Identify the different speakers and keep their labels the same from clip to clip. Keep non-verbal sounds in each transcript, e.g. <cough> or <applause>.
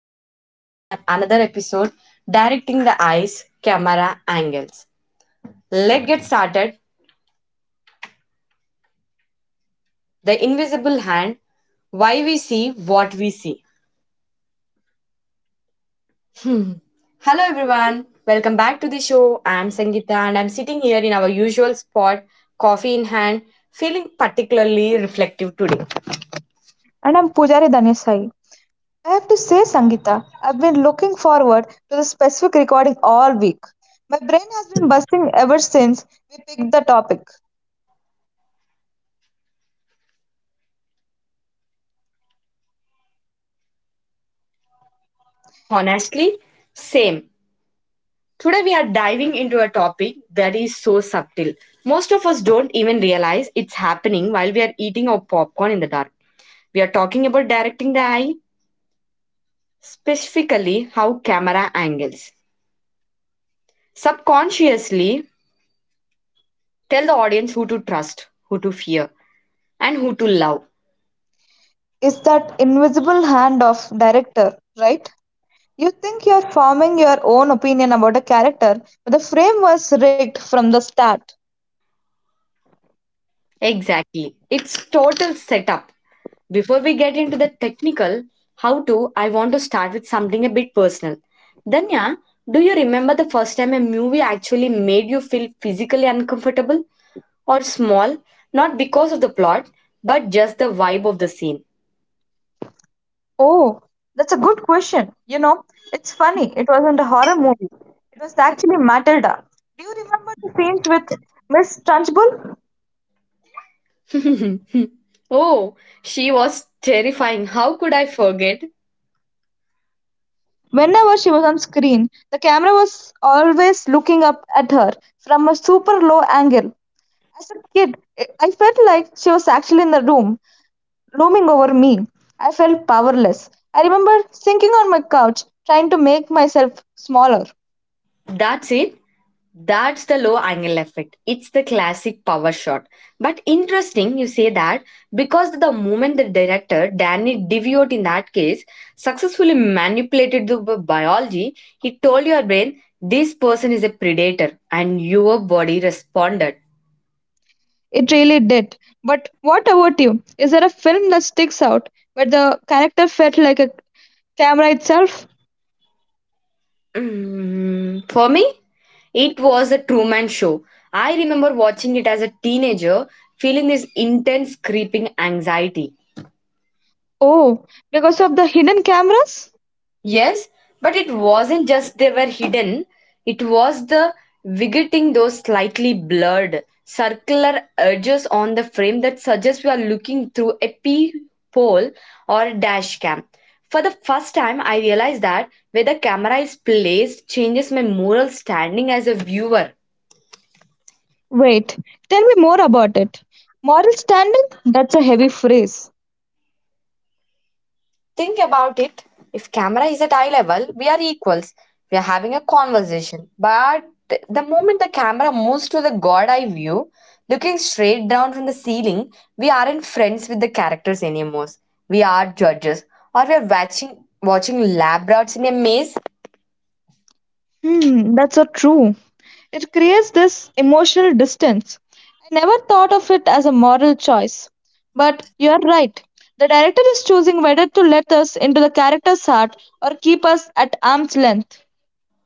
Speaker 1: and we are back with another episode directing the eyes, camera angles. Let's get started. The invisible hand, why we see what we see. Hmm. Hello everyone, welcome back to the show. I'm Sangeeta and I'm sitting here in our usual spot, coffee in hand, feeling particularly reflective today.
Speaker 2: And I'm Pujari Dhanesai. I have to say, Sangita, I've been looking forward to this specific recording all week. My brain has been buzzing ever since we picked the topic.
Speaker 1: Honestly, same. Today, we are diving into a topic that is so subtle. Most of us don't even realize it's happening while we are eating our popcorn in the dark. We are talking about directing the eye, specifically how camera angles subconsciously tell the audience who to trust, who to fear, and who to love.
Speaker 2: It's that invisible hand of director, right? You think you're forming your own opinion about a character, but the frame was rigged from the start.
Speaker 1: Exactly. It's total setup. Before we get into the technical, how to, I want to start with something a bit personal. Danya, do you remember the first time a movie actually made you feel physically uncomfortable or small? Not because of the plot, but just the vibe of the scene.
Speaker 2: Oh, that's a good question. You know, it's funny. It wasn't a horror movie. It was actually Matilda. Do you remember the scenes with Miss Trunchbull?
Speaker 1: <laughs> Oh, she was terrifying. How could I forget?
Speaker 2: Whenever she was on screen, the camera was always looking up at her from a super low angle. As a kid, I felt like she was actually in the room, looming over me. I felt powerless. I remember sinking on my couch, trying to make myself smaller.
Speaker 1: That's it. That's the low angle effect. It's the classic power shot. But interesting you say that because the moment the director Danny DeVito in that case successfully manipulated the biology, he told your brain this person is a predator and your body responded.
Speaker 2: It really did. But what about you? Is there a film that sticks out where the character felt like a camera itself?
Speaker 1: Mm, for me, it was a Truman Show. I remember watching it as a teenager, feeling this intense creeping anxiety.
Speaker 2: Oh, because of the hidden cameras?
Speaker 1: Yes, but it wasn't just they were hidden, it was the vigating those slightly blurred, circular edges on the frame that suggests we are looking through a peephole or a dash cam. For the first time, I realized that where the camera is placed changes my moral standing as a viewer.
Speaker 2: Wait, tell me more about it. Moral standing? That's a heavy phrase.
Speaker 1: Think about it. If camera is at eye level, we are equals. We are having a conversation. But the moment the camera moves to the god eye view, looking straight down from the ceiling, we aren't friends with the characters anymore. We are judges, or we are watching lab rats in a maze.
Speaker 2: Hmm, that's so true. It creates this emotional distance. I never thought of it as a moral choice. But you're right. The director is choosing whether to let us into the character's heart or keep us at arm's length.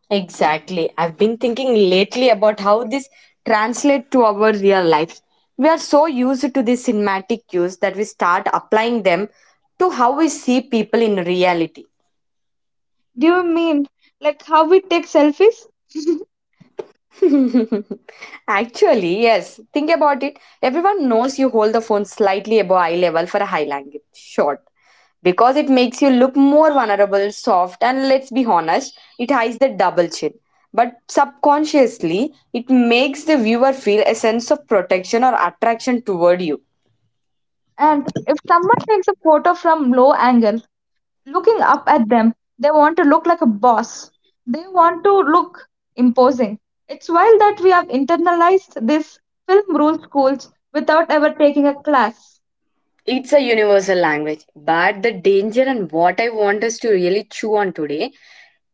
Speaker 1: Exactly. I've been thinking lately about how this translates to our real lives. We are so used to these cinematic cues that we start applying them to how we see people in reality.
Speaker 2: Do you mean like how we take selfies? <laughs>
Speaker 1: <laughs> Actually, yes. Think about it. Everyone knows you hold the phone slightly above eye level for a high language shot because it makes you look more vulnerable, soft, and let's be honest, it hides the double chin. But subconsciously, it makes the viewer feel a sense of protection or attraction toward you.
Speaker 2: And if someone takes a photo from low angle, looking up at them. They want to look like a boss. They want to look imposing. It's wild that we have internalized these film rule schools without ever taking a class.
Speaker 1: It's a universal language, but the danger and what I want us to really chew on today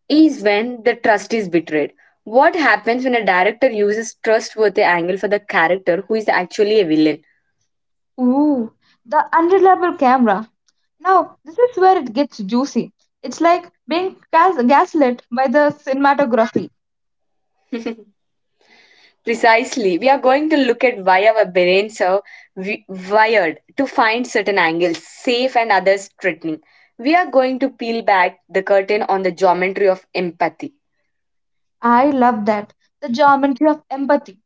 Speaker 1: is when the trust is betrayed. What happens when a director uses trustworthy angle for the character who is actually a villain?
Speaker 2: Ooh, the unreliable camera. Now, this is where it gets juicy. It's like being gaslit by the cinematography.
Speaker 1: Precisely, we are going to look at why our brains are wi- wired to find certain angles safe and others threatening. We are going to peel back the curtain on the geometry of empathy.
Speaker 2: I love that. The geometry of empathy.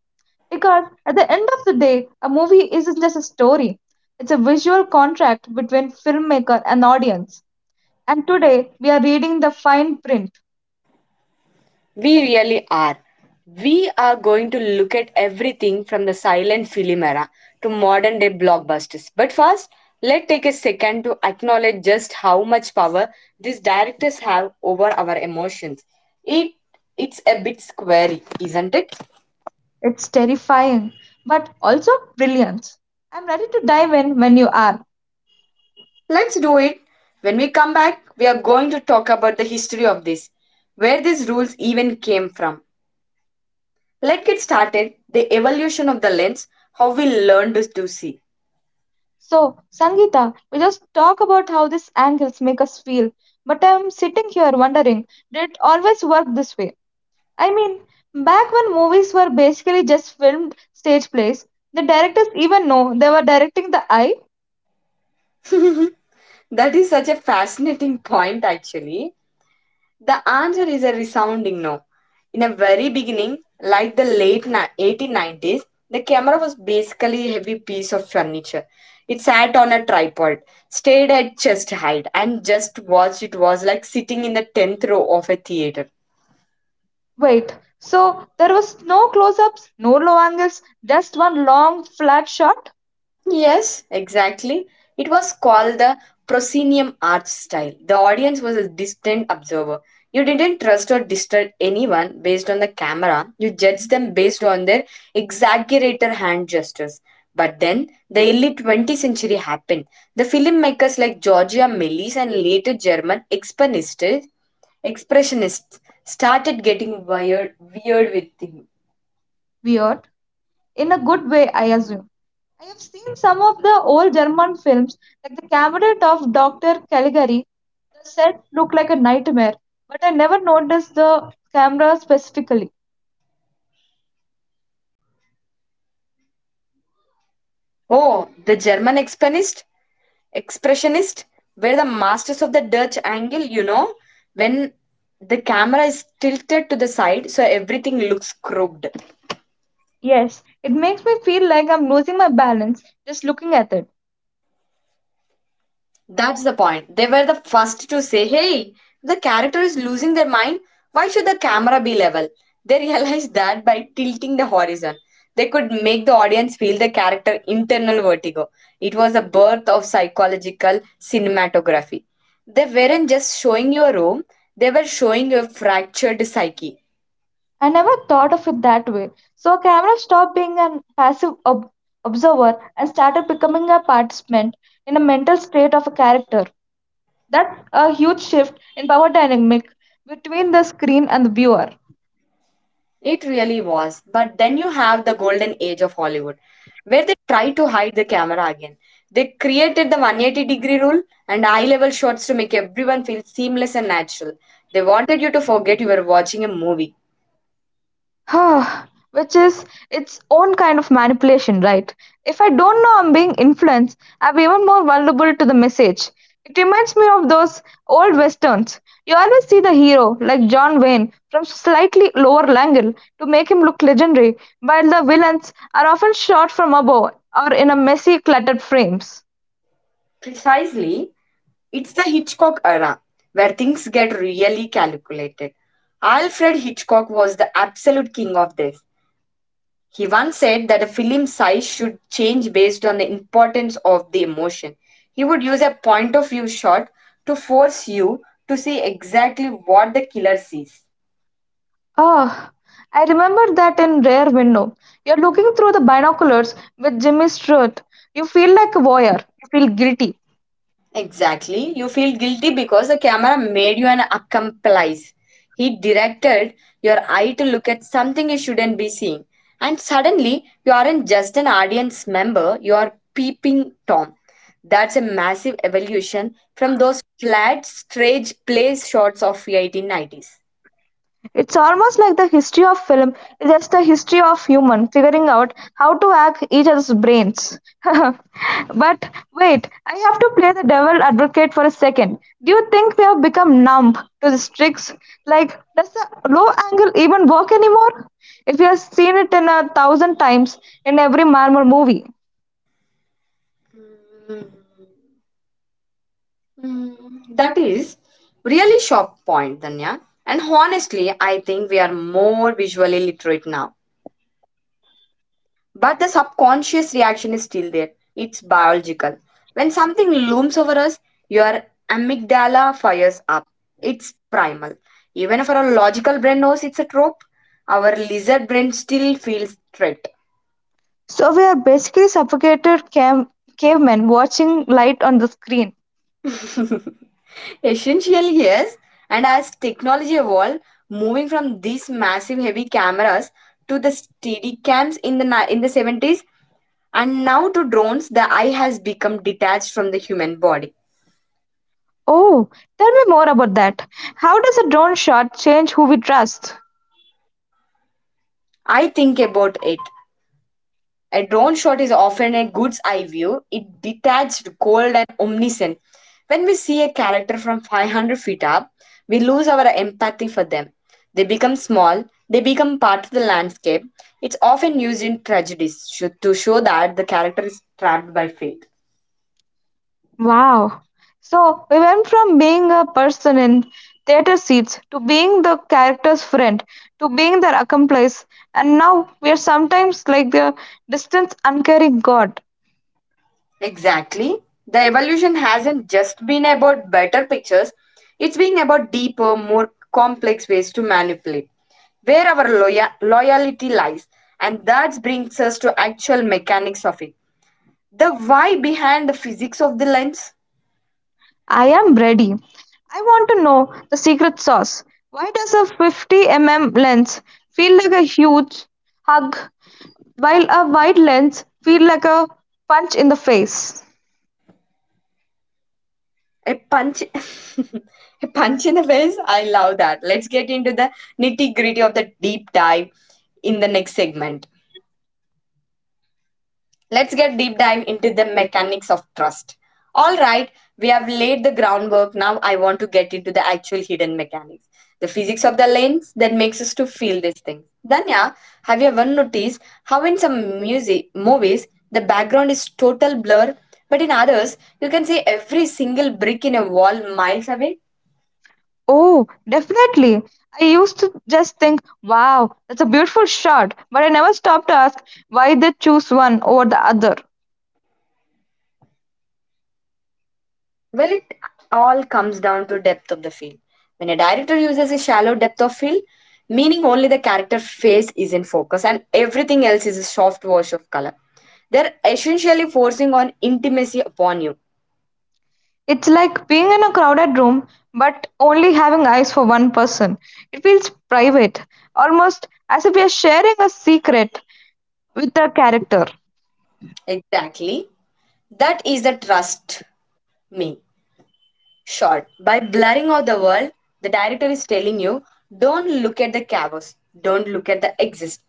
Speaker 2: Because at the end of the day, a movie isn't just a story, it's a visual contract between filmmaker and audience. And today, we are reading the fine print.
Speaker 1: We really are. We are going to look at everything from the silent film era to modern day blockbusters. But first, let's take a second to acknowledge just how much power these directors have over our emotions. It it's a bit squarey, isn't it?
Speaker 2: It's terrifying, but also brilliant. I'm ready to dive in when you are.
Speaker 1: Let's do it. When we come back, we are going to talk about the history of this, where these rules even came from. Let's get started. The evolution of the lens, how we learned to see.
Speaker 2: So, Sangeeta, we just talk about how these angles make us feel. But I'm sitting here wondering, did it always work this way? I mean, back when movies were basically just filmed stage plays, the directors even know they were directing the eye.
Speaker 1: That is such a fascinating point, actually. The answer is a resounding no. In the very beginning, like the late 1890s, the camera was basically a heavy piece of furniture. It sat on a tripod, stayed at chest height, and just watched. It was like sitting in the 10th row of a theater.
Speaker 2: Wait, so there was no close-ups, no low angles, just one long flat shot?
Speaker 1: Yes, exactly. It was called the proscenium arch style. The audience was a distant observer. You didn't trust or disturb anyone based on the camera. You judged them based on their exaggerated hand gestures. But then the early 20th century happened. The filmmakers like Georgia Melis and later German expressionists started getting weird with him.
Speaker 2: Weird. In a good way, I assume. I have seen some of the old German films, like the cabinet of Dr. Caligari. The set looked like a nightmare, but I never noticed the camera specifically.
Speaker 1: Oh, the German expressionist were the masters of the Dutch angle, you know, when the camera is tilted to the side so everything looks crooked.
Speaker 2: Yes, it makes me feel like I'm losing my balance just looking at it.
Speaker 1: That's the point. They were the first to say, hey, the character is losing their mind. Why should the camera be level? They <laughs> realized that by tilting the horizon. They could make the audience feel the character internal vertigo. It was the birth of psychological cinematography. They weren't just showing you a room, they were showing your fractured psyche.
Speaker 2: I never thought of it that way. So, camera stopped being a passive observer and started becoming a participant in a mental state of a character. That's a huge shift in power dynamic between the screen and the viewer.
Speaker 1: It really was. But then you have the golden age of Hollywood, where they try to hide the camera again. They created the 180-degree rule and eye level shots to make everyone feel seamless and natural. They wanted you to forget you were watching a movie.
Speaker 2: Huh, which is its own kind of manipulation, right? If I don't know I'm being influenced, I'm even more vulnerable to the message. It reminds me of those old westerns. You always see the hero, like John Wayne, from slightly lower angle to make him look legendary, while the villains are often shot from above or in a messy, cluttered frames.
Speaker 1: Precisely, it's the Hitchcock era, where things get really calculated. Alfred Hitchcock was the absolute king of this. He once said that a film's size should change based on the importance of the emotion. He would use a point of view shot to force you to see exactly what the killer sees.
Speaker 2: Oh, I remember that in Rare Window. You're looking through the binoculars with Jimmy Stewart. You feel like a voyeur. You feel guilty.
Speaker 1: Exactly. You feel guilty because the camera made you an accomplice. He directed your eye to look at something you shouldn't be seeing. And suddenly, you aren't just an audience member, you are peeping Tom. That's a massive evolution from those flat, strange place shots of the 1890s.
Speaker 2: It's almost like the history of film is just the history of human figuring out how to hack each other's brains. <laughs> But wait, I have to play the devil advocate for a second. Do you think we have become numb to these tricks? Like, does the low angle even work anymore? If we have seen it in a thousand times in every Marvel movie.
Speaker 1: Mm, mm, That is really sharp point, Danya. And honestly, I think we are more visually literate now. But the subconscious reaction is still there. It's biological. When something looms over us, your amygdala fires up. It's primal. Even if our logical brain knows it's a trope, our lizard brain still feels threat.
Speaker 2: So we are basically cavemen watching light on the screen.
Speaker 1: <laughs> Essentially, yes. And as technology evolved, moving from these massive heavy cameras to the steady cams in in the 70s and now to drones, the eye has become detached from the human body.
Speaker 2: Oh, tell me more about that. How does a drone shot change who we trust?
Speaker 1: I think about it. A drone shot is often a good eye view. It detached, cold, and omniscient. When we see a character from 500 feet up, we lose our empathy for them. They become small, they become part of the landscape. It's often used in tragedies to show that the character is trapped by fate.
Speaker 2: Wow. So we went from being a person in theater seats to being the character's friend to being their accomplice, and now we are sometimes like the distant, uncaring god.
Speaker 1: Exactly. The evolution hasn't just been about better pictures, it's been about deeper, more complex ways to manipulate, where our loyalty lies. And that brings us to actual mechanics of it. The why behind the physics of the lens.
Speaker 2: I am ready. I want to know the secret sauce. Why does a 50 mm lens feel like a huge hug while a wide lens feel like a punch in the face?
Speaker 1: A punch <laughs> a punch in the face. I love that. Let's get into the nitty-gritty of the deep dive in the next segment. Let's get deep dive into the mechanics of trust. All right, we have laid the groundwork. Now I want to get into the actual hidden mechanics, the physics of the lens that makes us to feel these things. Danya, have you ever noticed how in some music movies the background is total blur, but in others you can see every single brick in a wall miles away?
Speaker 2: Oh, definitely. I used to just think, wow, that's a beautiful shot, but I never stopped to ask why they choose one over the other.
Speaker 1: Well, it all comes down to depth of the field. When a director uses a shallow depth of field, meaning only the character face is in focus and everything else is a soft wash of color, they're essentially forcing on intimacy upon you.
Speaker 2: It's like being in a crowded room but only having eyes for one person. It feels private, almost as if we are sharing a secret with a character.
Speaker 1: Exactly. That is the trust me. Short. By blurring out the world, the director is telling you don't look at the chaos, don't look at the exist.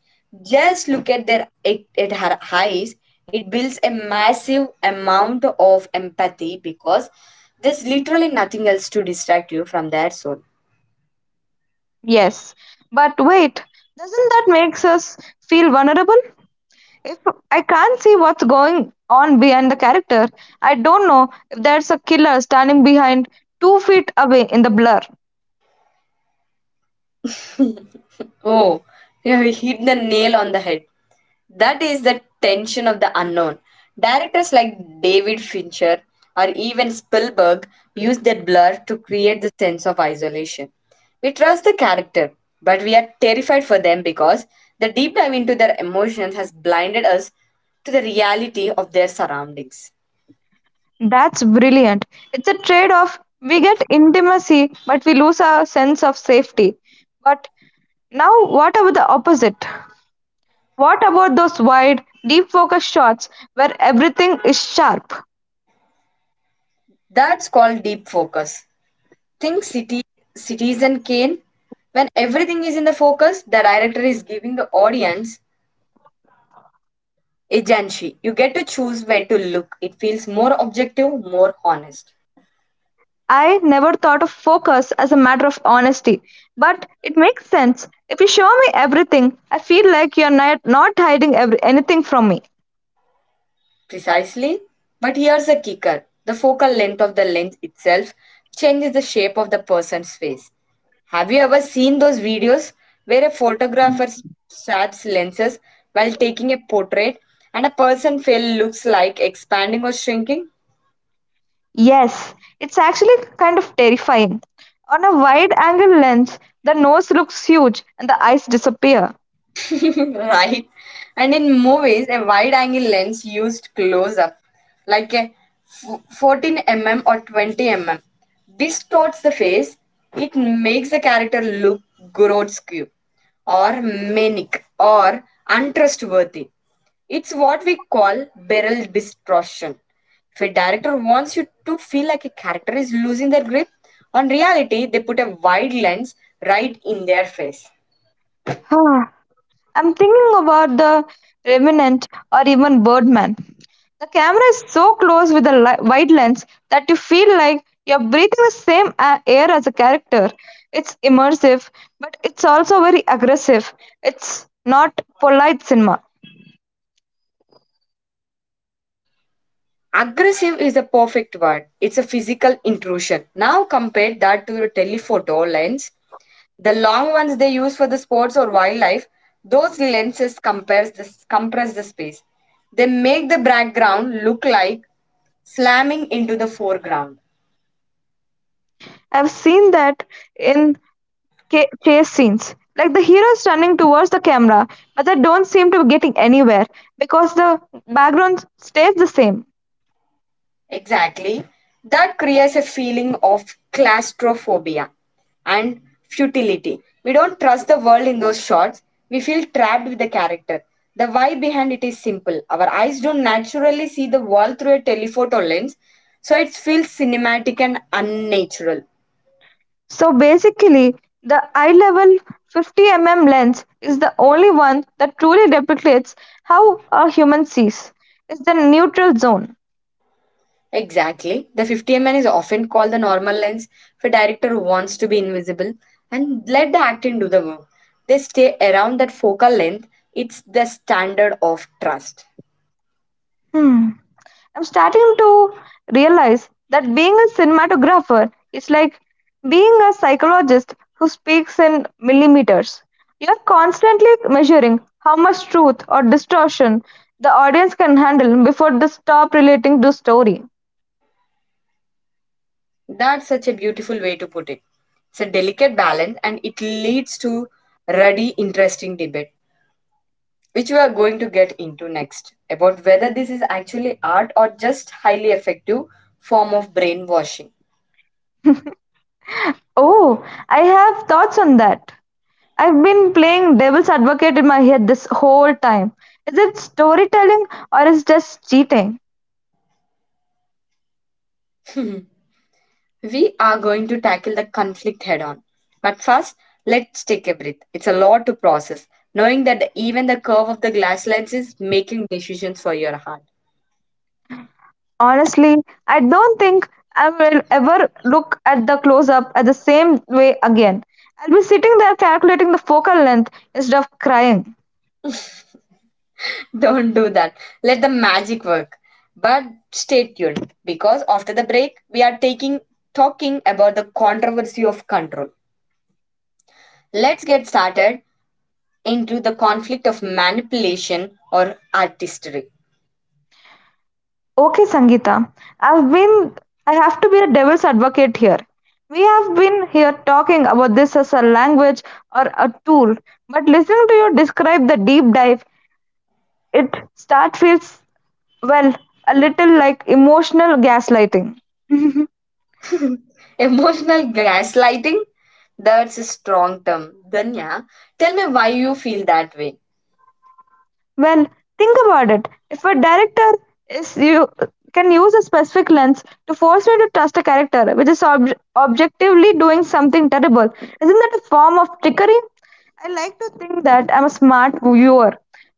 Speaker 1: Just look at their at her eyes. It builds a massive amount of empathy because there's literally nothing else to distract you from their soul.
Speaker 2: Yes, but wait, doesn't that make us feel vulnerable? If I can't see what's going on behind the character, I don't know if there's a killer standing behind 2 feet away in the blur.
Speaker 1: Oh, you have hit the nail on the head. That is the tension of the unknown. Directors like David Fincher or even Spielberg use that blur to create the sense of isolation. We trust the character, but we are terrified for them because the deep dive into their emotions has blinded us to the reality of their surroundings.
Speaker 2: That's brilliant. It's a trade off. We get intimacy, but we lose our sense of safety. But now, what about the opposite? What about those wide, deep focus shots where everything is sharp?
Speaker 1: That's called deep focus. Think city, Citizen Kane. When everything is in the focus, the director is giving the audience agency. You get to choose where to look. It feels more objective, more honest.
Speaker 2: I never thought of focus as a matter of honesty, but it makes sense. If you show me everything, I feel like you're not, not hiding anything from me.
Speaker 1: Precisely. But here's a kicker the focal length of the lens itself changes the shape of the person's face. Have you ever seen those videos where a photographer swaps lenses while taking a portrait and a person's face looks like expanding or shrinking?
Speaker 2: Yes, it's actually kind of terrifying. On a wide angle lens, the nose looks huge and the eyes disappear.
Speaker 1: <laughs> Right? And in movies, a wide angle lens used close up, like a f- 14 mm or 20 mm, distorts the face. It makes the character look grotesque or manic or untrustworthy. It's what we call barrel distortion. If a director wants you to feel like a character is losing their grip on reality, they put a wide lens right in their face.
Speaker 2: <sighs> I'm thinking about The Revenant or even Birdman. The camera is so close with a wide lens that you feel like you're breathing the same air as a character. It's immersive, but it's also very aggressive. It's not polite cinema.
Speaker 1: Aggressive is a perfect word. It's a physical intrusion. Now compare that to your telephoto lens. The long ones they use for the sports or wildlife, those lenses compares this compress the space. They make the background look like slamming into the foreground.
Speaker 2: I've seen that in chase scenes. Like the heroes running towards the camera, but they don't seem to be getting anywhere because the background stays the same.
Speaker 1: Exactly. That creates a feeling of claustrophobia and futility. We don't trust the world in those shots. We feel trapped with the character. The why behind it is simple. Our eyes don't naturally see the world through a telephoto lens, so it feels cinematic and unnatural.
Speaker 2: So basically, the eye-level 50-mm lens is the only one that truly depicts how a human sees. It's the neutral zone.
Speaker 1: Exactly. The 50 mm is often called the normal lens if a director who wants to be invisible and let the acting do the work. They stay around that focal length. It's the standard of trust.
Speaker 2: Hmm. I'm starting to realize that being a cinematographer is like being a psychologist who speaks in millimeters. You're constantly measuring how much truth or distortion the audience can handle before they stop relating to story.
Speaker 1: That's such a beautiful way to put it. It's a delicate balance, and it leads to ruddy, interesting debate, which we are going to get into next, about whether this is actually art or just highly effective form of brainwashing.
Speaker 2: Oh, I have thoughts on that. I've been playing devil's advocate in my head this whole time. Is it storytelling or is it just cheating?
Speaker 1: <laughs> We are going to tackle the conflict head on. But first, let's take a breath. It's a lot to process, knowing that even the curve of the glass lens is making decisions for your heart.
Speaker 2: Honestly, I don't think I will ever look at the close up at the same way again. I'll be sitting there calculating the focal length instead of crying.
Speaker 1: <laughs> Don't do that. Let the magic work. But stay tuned, because after the break, we are taking talking about the controversy of control. Let's get started into the conflict of manipulation or artistry.
Speaker 2: Okay, Sangeeta, I've been I have to be a devil's advocate here. We have been here talking about this as a language or a tool, but listening to you describe the deep dive, it start feels well, a little like emotional gaslighting.
Speaker 1: <laughs> Emotional gaslighting? That's a strong term. Danya, tell me why you feel that way.
Speaker 2: Well, think about it. If a director is you can use a specific lens to force me to trust a character which is objectively doing something terrible, isn't that a form of trickery? I like to think that I'm a smart viewer.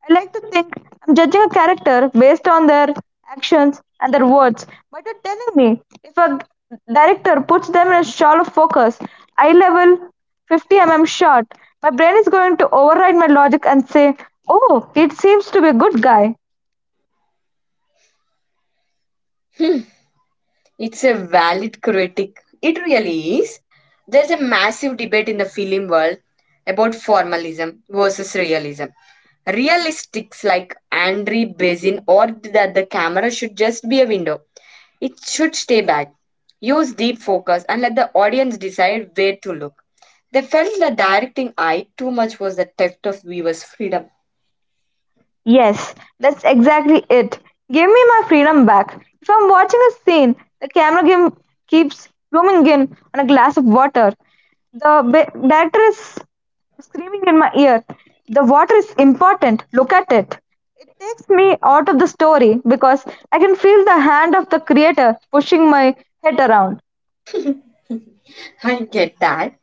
Speaker 2: I like to think I'm judging a character based on their actions and their words. But you're telling me if a director puts them in a shallow focus, eye level 50 mm shot, my brain is going to override my logic and say, oh, it seems to be a good guy.
Speaker 1: <laughs> It's a valid critic. It really is. There's a massive debate in the film world about formalism versus realism. Realistics like Andre Bazin ordered that the camera should just be a window. It should stay back. Use deep focus and let the audience decide where to look. They felt that directing eye too much was the theft of viewers' freedom.
Speaker 2: Yes, that's exactly it. Give me my freedom back. If I'm watching a scene, keeps zooming in on a glass of water. The director is screaming in my ear. The water is important. Look at it. It takes me out of the story because I can feel the hand of the creator pushing my head around.
Speaker 1: <laughs> I get that.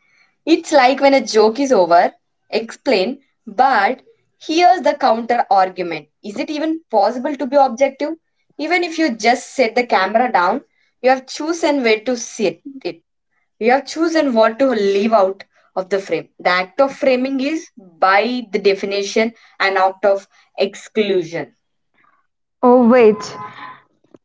Speaker 1: It's like when a joke is over, explain, but here's the counter argument. Is it even possible to be objective? Even if you just set the camera down, you have chosen where to sit it. You have chosen what to leave out of the frame. The act of framing is, by the definition, an act of exclusion.
Speaker 2: Oh, wait.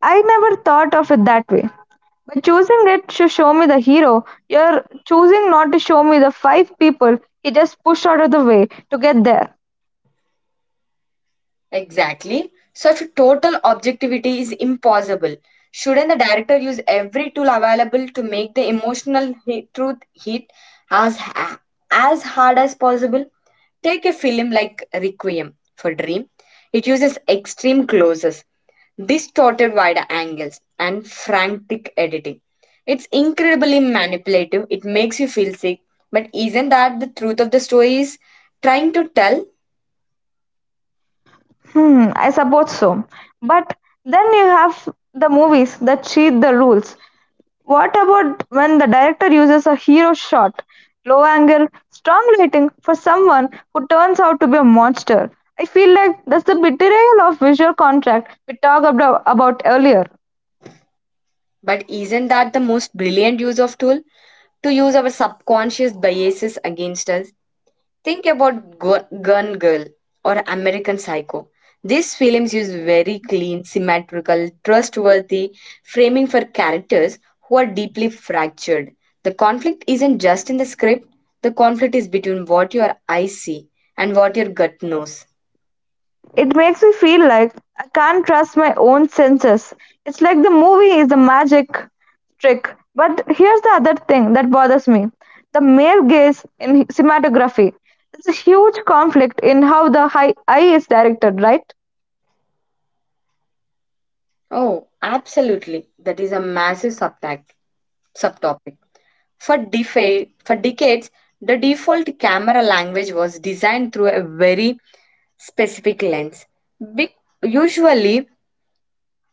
Speaker 2: I never thought of it that way. By choosing it to show me the hero, you're choosing not to show me the five people he just pushed out of the way to get there.
Speaker 1: Exactly. Such total objectivity is impossible. Shouldn't the director use every tool available to make the emotional hit, truth hit as ha- as hard as possible? Take a film like Requiem for Dream. It uses extreme closes, distorted wide angles, and frantic editing. It's incredibly manipulative. It makes you feel sick. But isn't that the truth of the story is trying to tell?
Speaker 2: Hmm, I suppose so. But then you have the movies that cheat the rules. What about when the director uses a hero shot, low angle, strong lighting for someone who turns out to be a monster? I feel like that's the betrayal of visual contract we talked about earlier.
Speaker 1: But isn't that the most brilliant use of tool? To use our subconscious biases against us. Think about Gun Girl or American Psycho. These films use very clean, symmetrical, trustworthy framing for characters who are deeply fractured. The conflict isn't just in the script, the conflict is between what your eyes see and what your gut knows.
Speaker 2: It makes me feel like I can't trust my own senses. It's like the movie is a magic trick. But here's the other thing that bothers me, the male gaze in cinematography. It's a huge conflict in how the high eye is directed, right?
Speaker 1: Oh, absolutely. That is a massive subtopic. For decades, the default camera language was designed through a very specific lens. Big, usually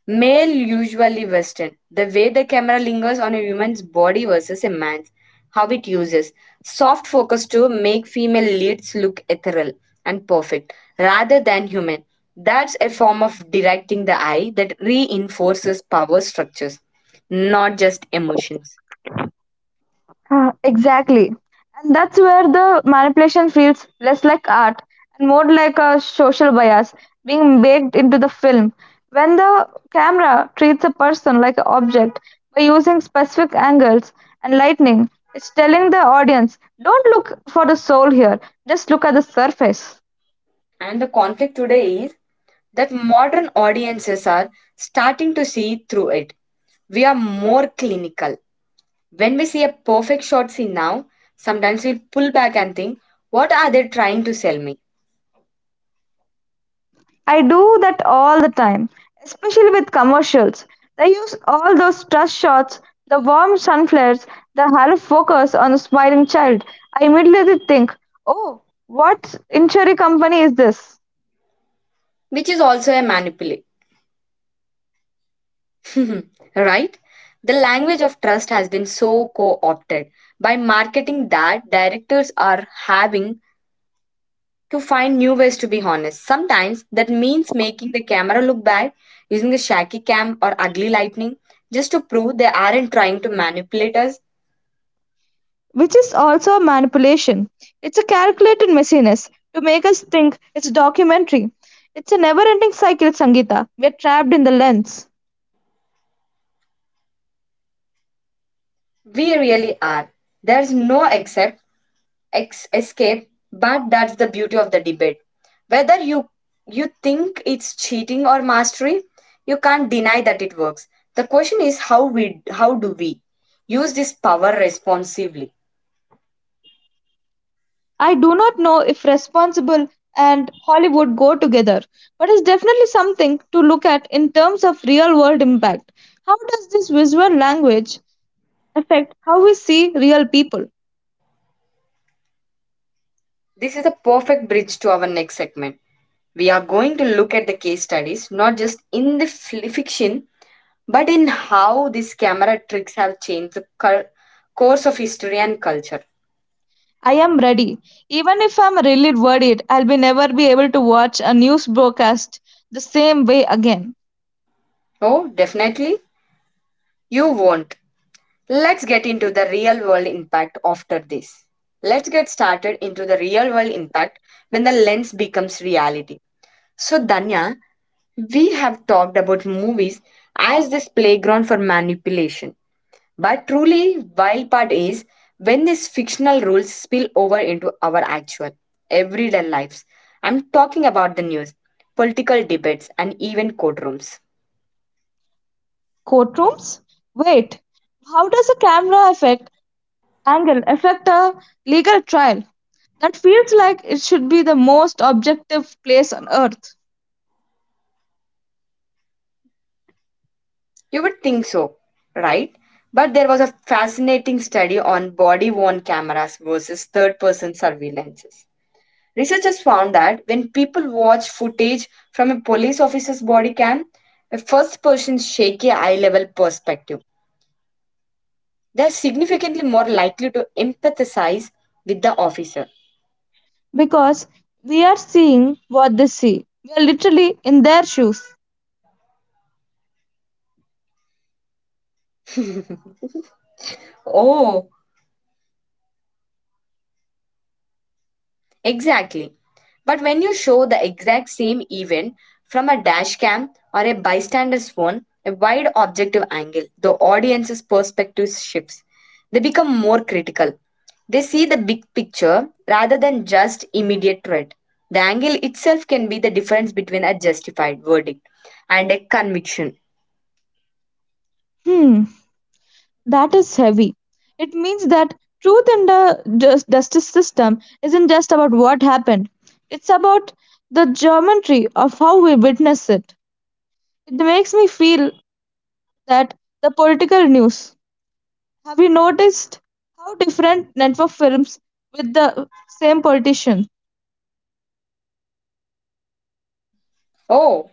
Speaker 1: male, usually Western. The way the camera lingers on a woman's body versus a man's, how it uses soft focus to make female leads look ethereal and perfect rather than human. That's a form of directing the eye that reinforces power structures, not just emotions.
Speaker 2: Exactly. And that's where the manipulation feels less like art and more like a social bias being baked into the film. When the camera treats a person like an object by using specific angles and lighting, it's telling the audience, don't look for the soul here, just look at the surface.
Speaker 1: And the conflict today is that modern audiences are starting to see through it. We are more clinical. When we see a perfect shot scene now, sometimes we pull back and think, what are they trying to sell me?
Speaker 2: I do that all the time, especially with commercials. They use all those trust shots, the warm sun flares, the halo focus on the smiling child. I immediately think, oh, what insurance company is this?
Speaker 1: Which is also a manipulation, <laughs> right? The language of trust has been so co opted by marketing that directors are having to find new ways to be honest. Sometimes that means making the camera look bad, using a shaky cam or ugly lighting, just to prove they aren't trying to manipulate us.
Speaker 2: Which is also a manipulation. It's a calculated messiness to make us think it's a documentary. It's a never ending cycle, Sangita. We're trapped in the lens.
Speaker 1: We really are. There's no escape, but that's the beauty of the debate. Whether you think it's cheating or mastery, you can't deny that it works. The question is, how do we use this power responsively?
Speaker 2: I do not know if responsible and Hollywood go together, but it's definitely something to look at in terms of real world impact. How does this visual language affect how we see real people?
Speaker 1: This is a perfect bridge to our next segment. We are going to look at the case studies, not just in the fiction, but in how these camera tricks have changed the course of history and culture.
Speaker 2: I am ready. Even if I'm really worried, I'll be never be able to watch a news broadcast the same way again.
Speaker 1: Oh, definitely, you won't. Let's get into the real world impact after this. Let's get started into the real world impact when the lens becomes reality. So, Danya, we have talked about movies as this playground for manipulation. But truly wild part is when these fictional rules spill over into our actual everyday lives. I'm talking about the news, political debates, and even courtrooms.
Speaker 2: Courtrooms? Wait, how does a camera affect angle affect a legal trial that feels like it should be the most objective place on earth
Speaker 1: You would think so, right? But there was a fascinating study on body-worn cameras versus third-person surveillances. Researchers found that when people watch footage from a police officer's body cam, a first person's shaky eye level perspective, they're significantly more likely to empathize with the officer.
Speaker 2: because we are seeing what they see. We are literally in their shoes.
Speaker 1: Oh, exactly. But when you show the exact same event from a dash cam or a bystander's phone, a wide objective angle, the audience's perspective shifts. They become more critical. They see the big picture rather than just immediate threat. The angle itself can be the difference between a justified verdict and a conviction.
Speaker 2: Hmm, that is heavy. It means that truth in the justice system isn't just about what happened, it's about the geometry of how we witness it. It makes me feel that the political news. Have you noticed how different network films with the same politician?
Speaker 1: Oh,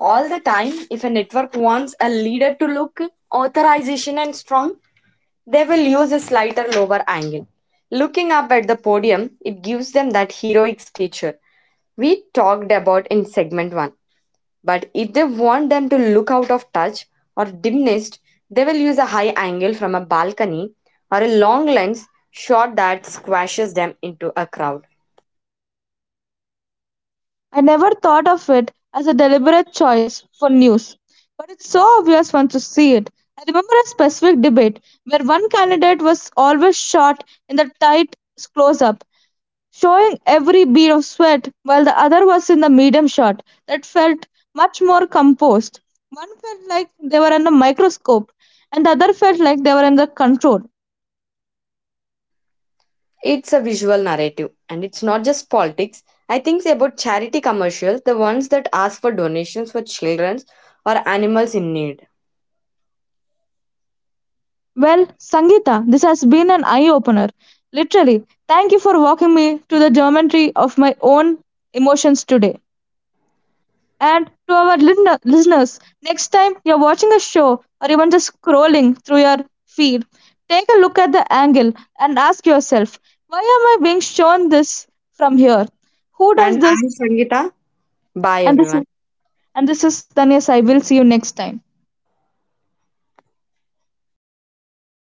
Speaker 1: all the time. If a network wants a leader to look authorization and strong, they will use a slighter lower angle. Looking up at the podium, it gives them that heroic stature we talked about in segment 1. But if they want them to look out of touch or diminished, they will use a high angle from a balcony or a long lens shot that squashes them into a crowd.
Speaker 2: I never thought of it as a deliberate choice for news, but it's so obvious once you see it. I remember a specific debate where one candidate was always shot in the tight close up, showing every bead of sweat, while the other was in the medium shot that felt much more composed. One felt like they were under a microscope, and the other felt like they were under control.
Speaker 1: It's a visual narrative, and it's not just politics. I think about charity commercials, the ones that ask for donations for children or animals in need.
Speaker 2: Well, Sangeeta, this has been an eye opener. Literally, thank you for walking me to the geometry of my own emotions today. And to our listeners, next time you're watching a show or even just scrolling through your feed, take a look at the angle and ask yourself, why am I being shown this from here? Who does
Speaker 1: And I'm
Speaker 2: this?
Speaker 1: Sangeeta. Bye,
Speaker 2: And this is
Speaker 1: everyone.
Speaker 2: and this is Danyas. I will see you next time.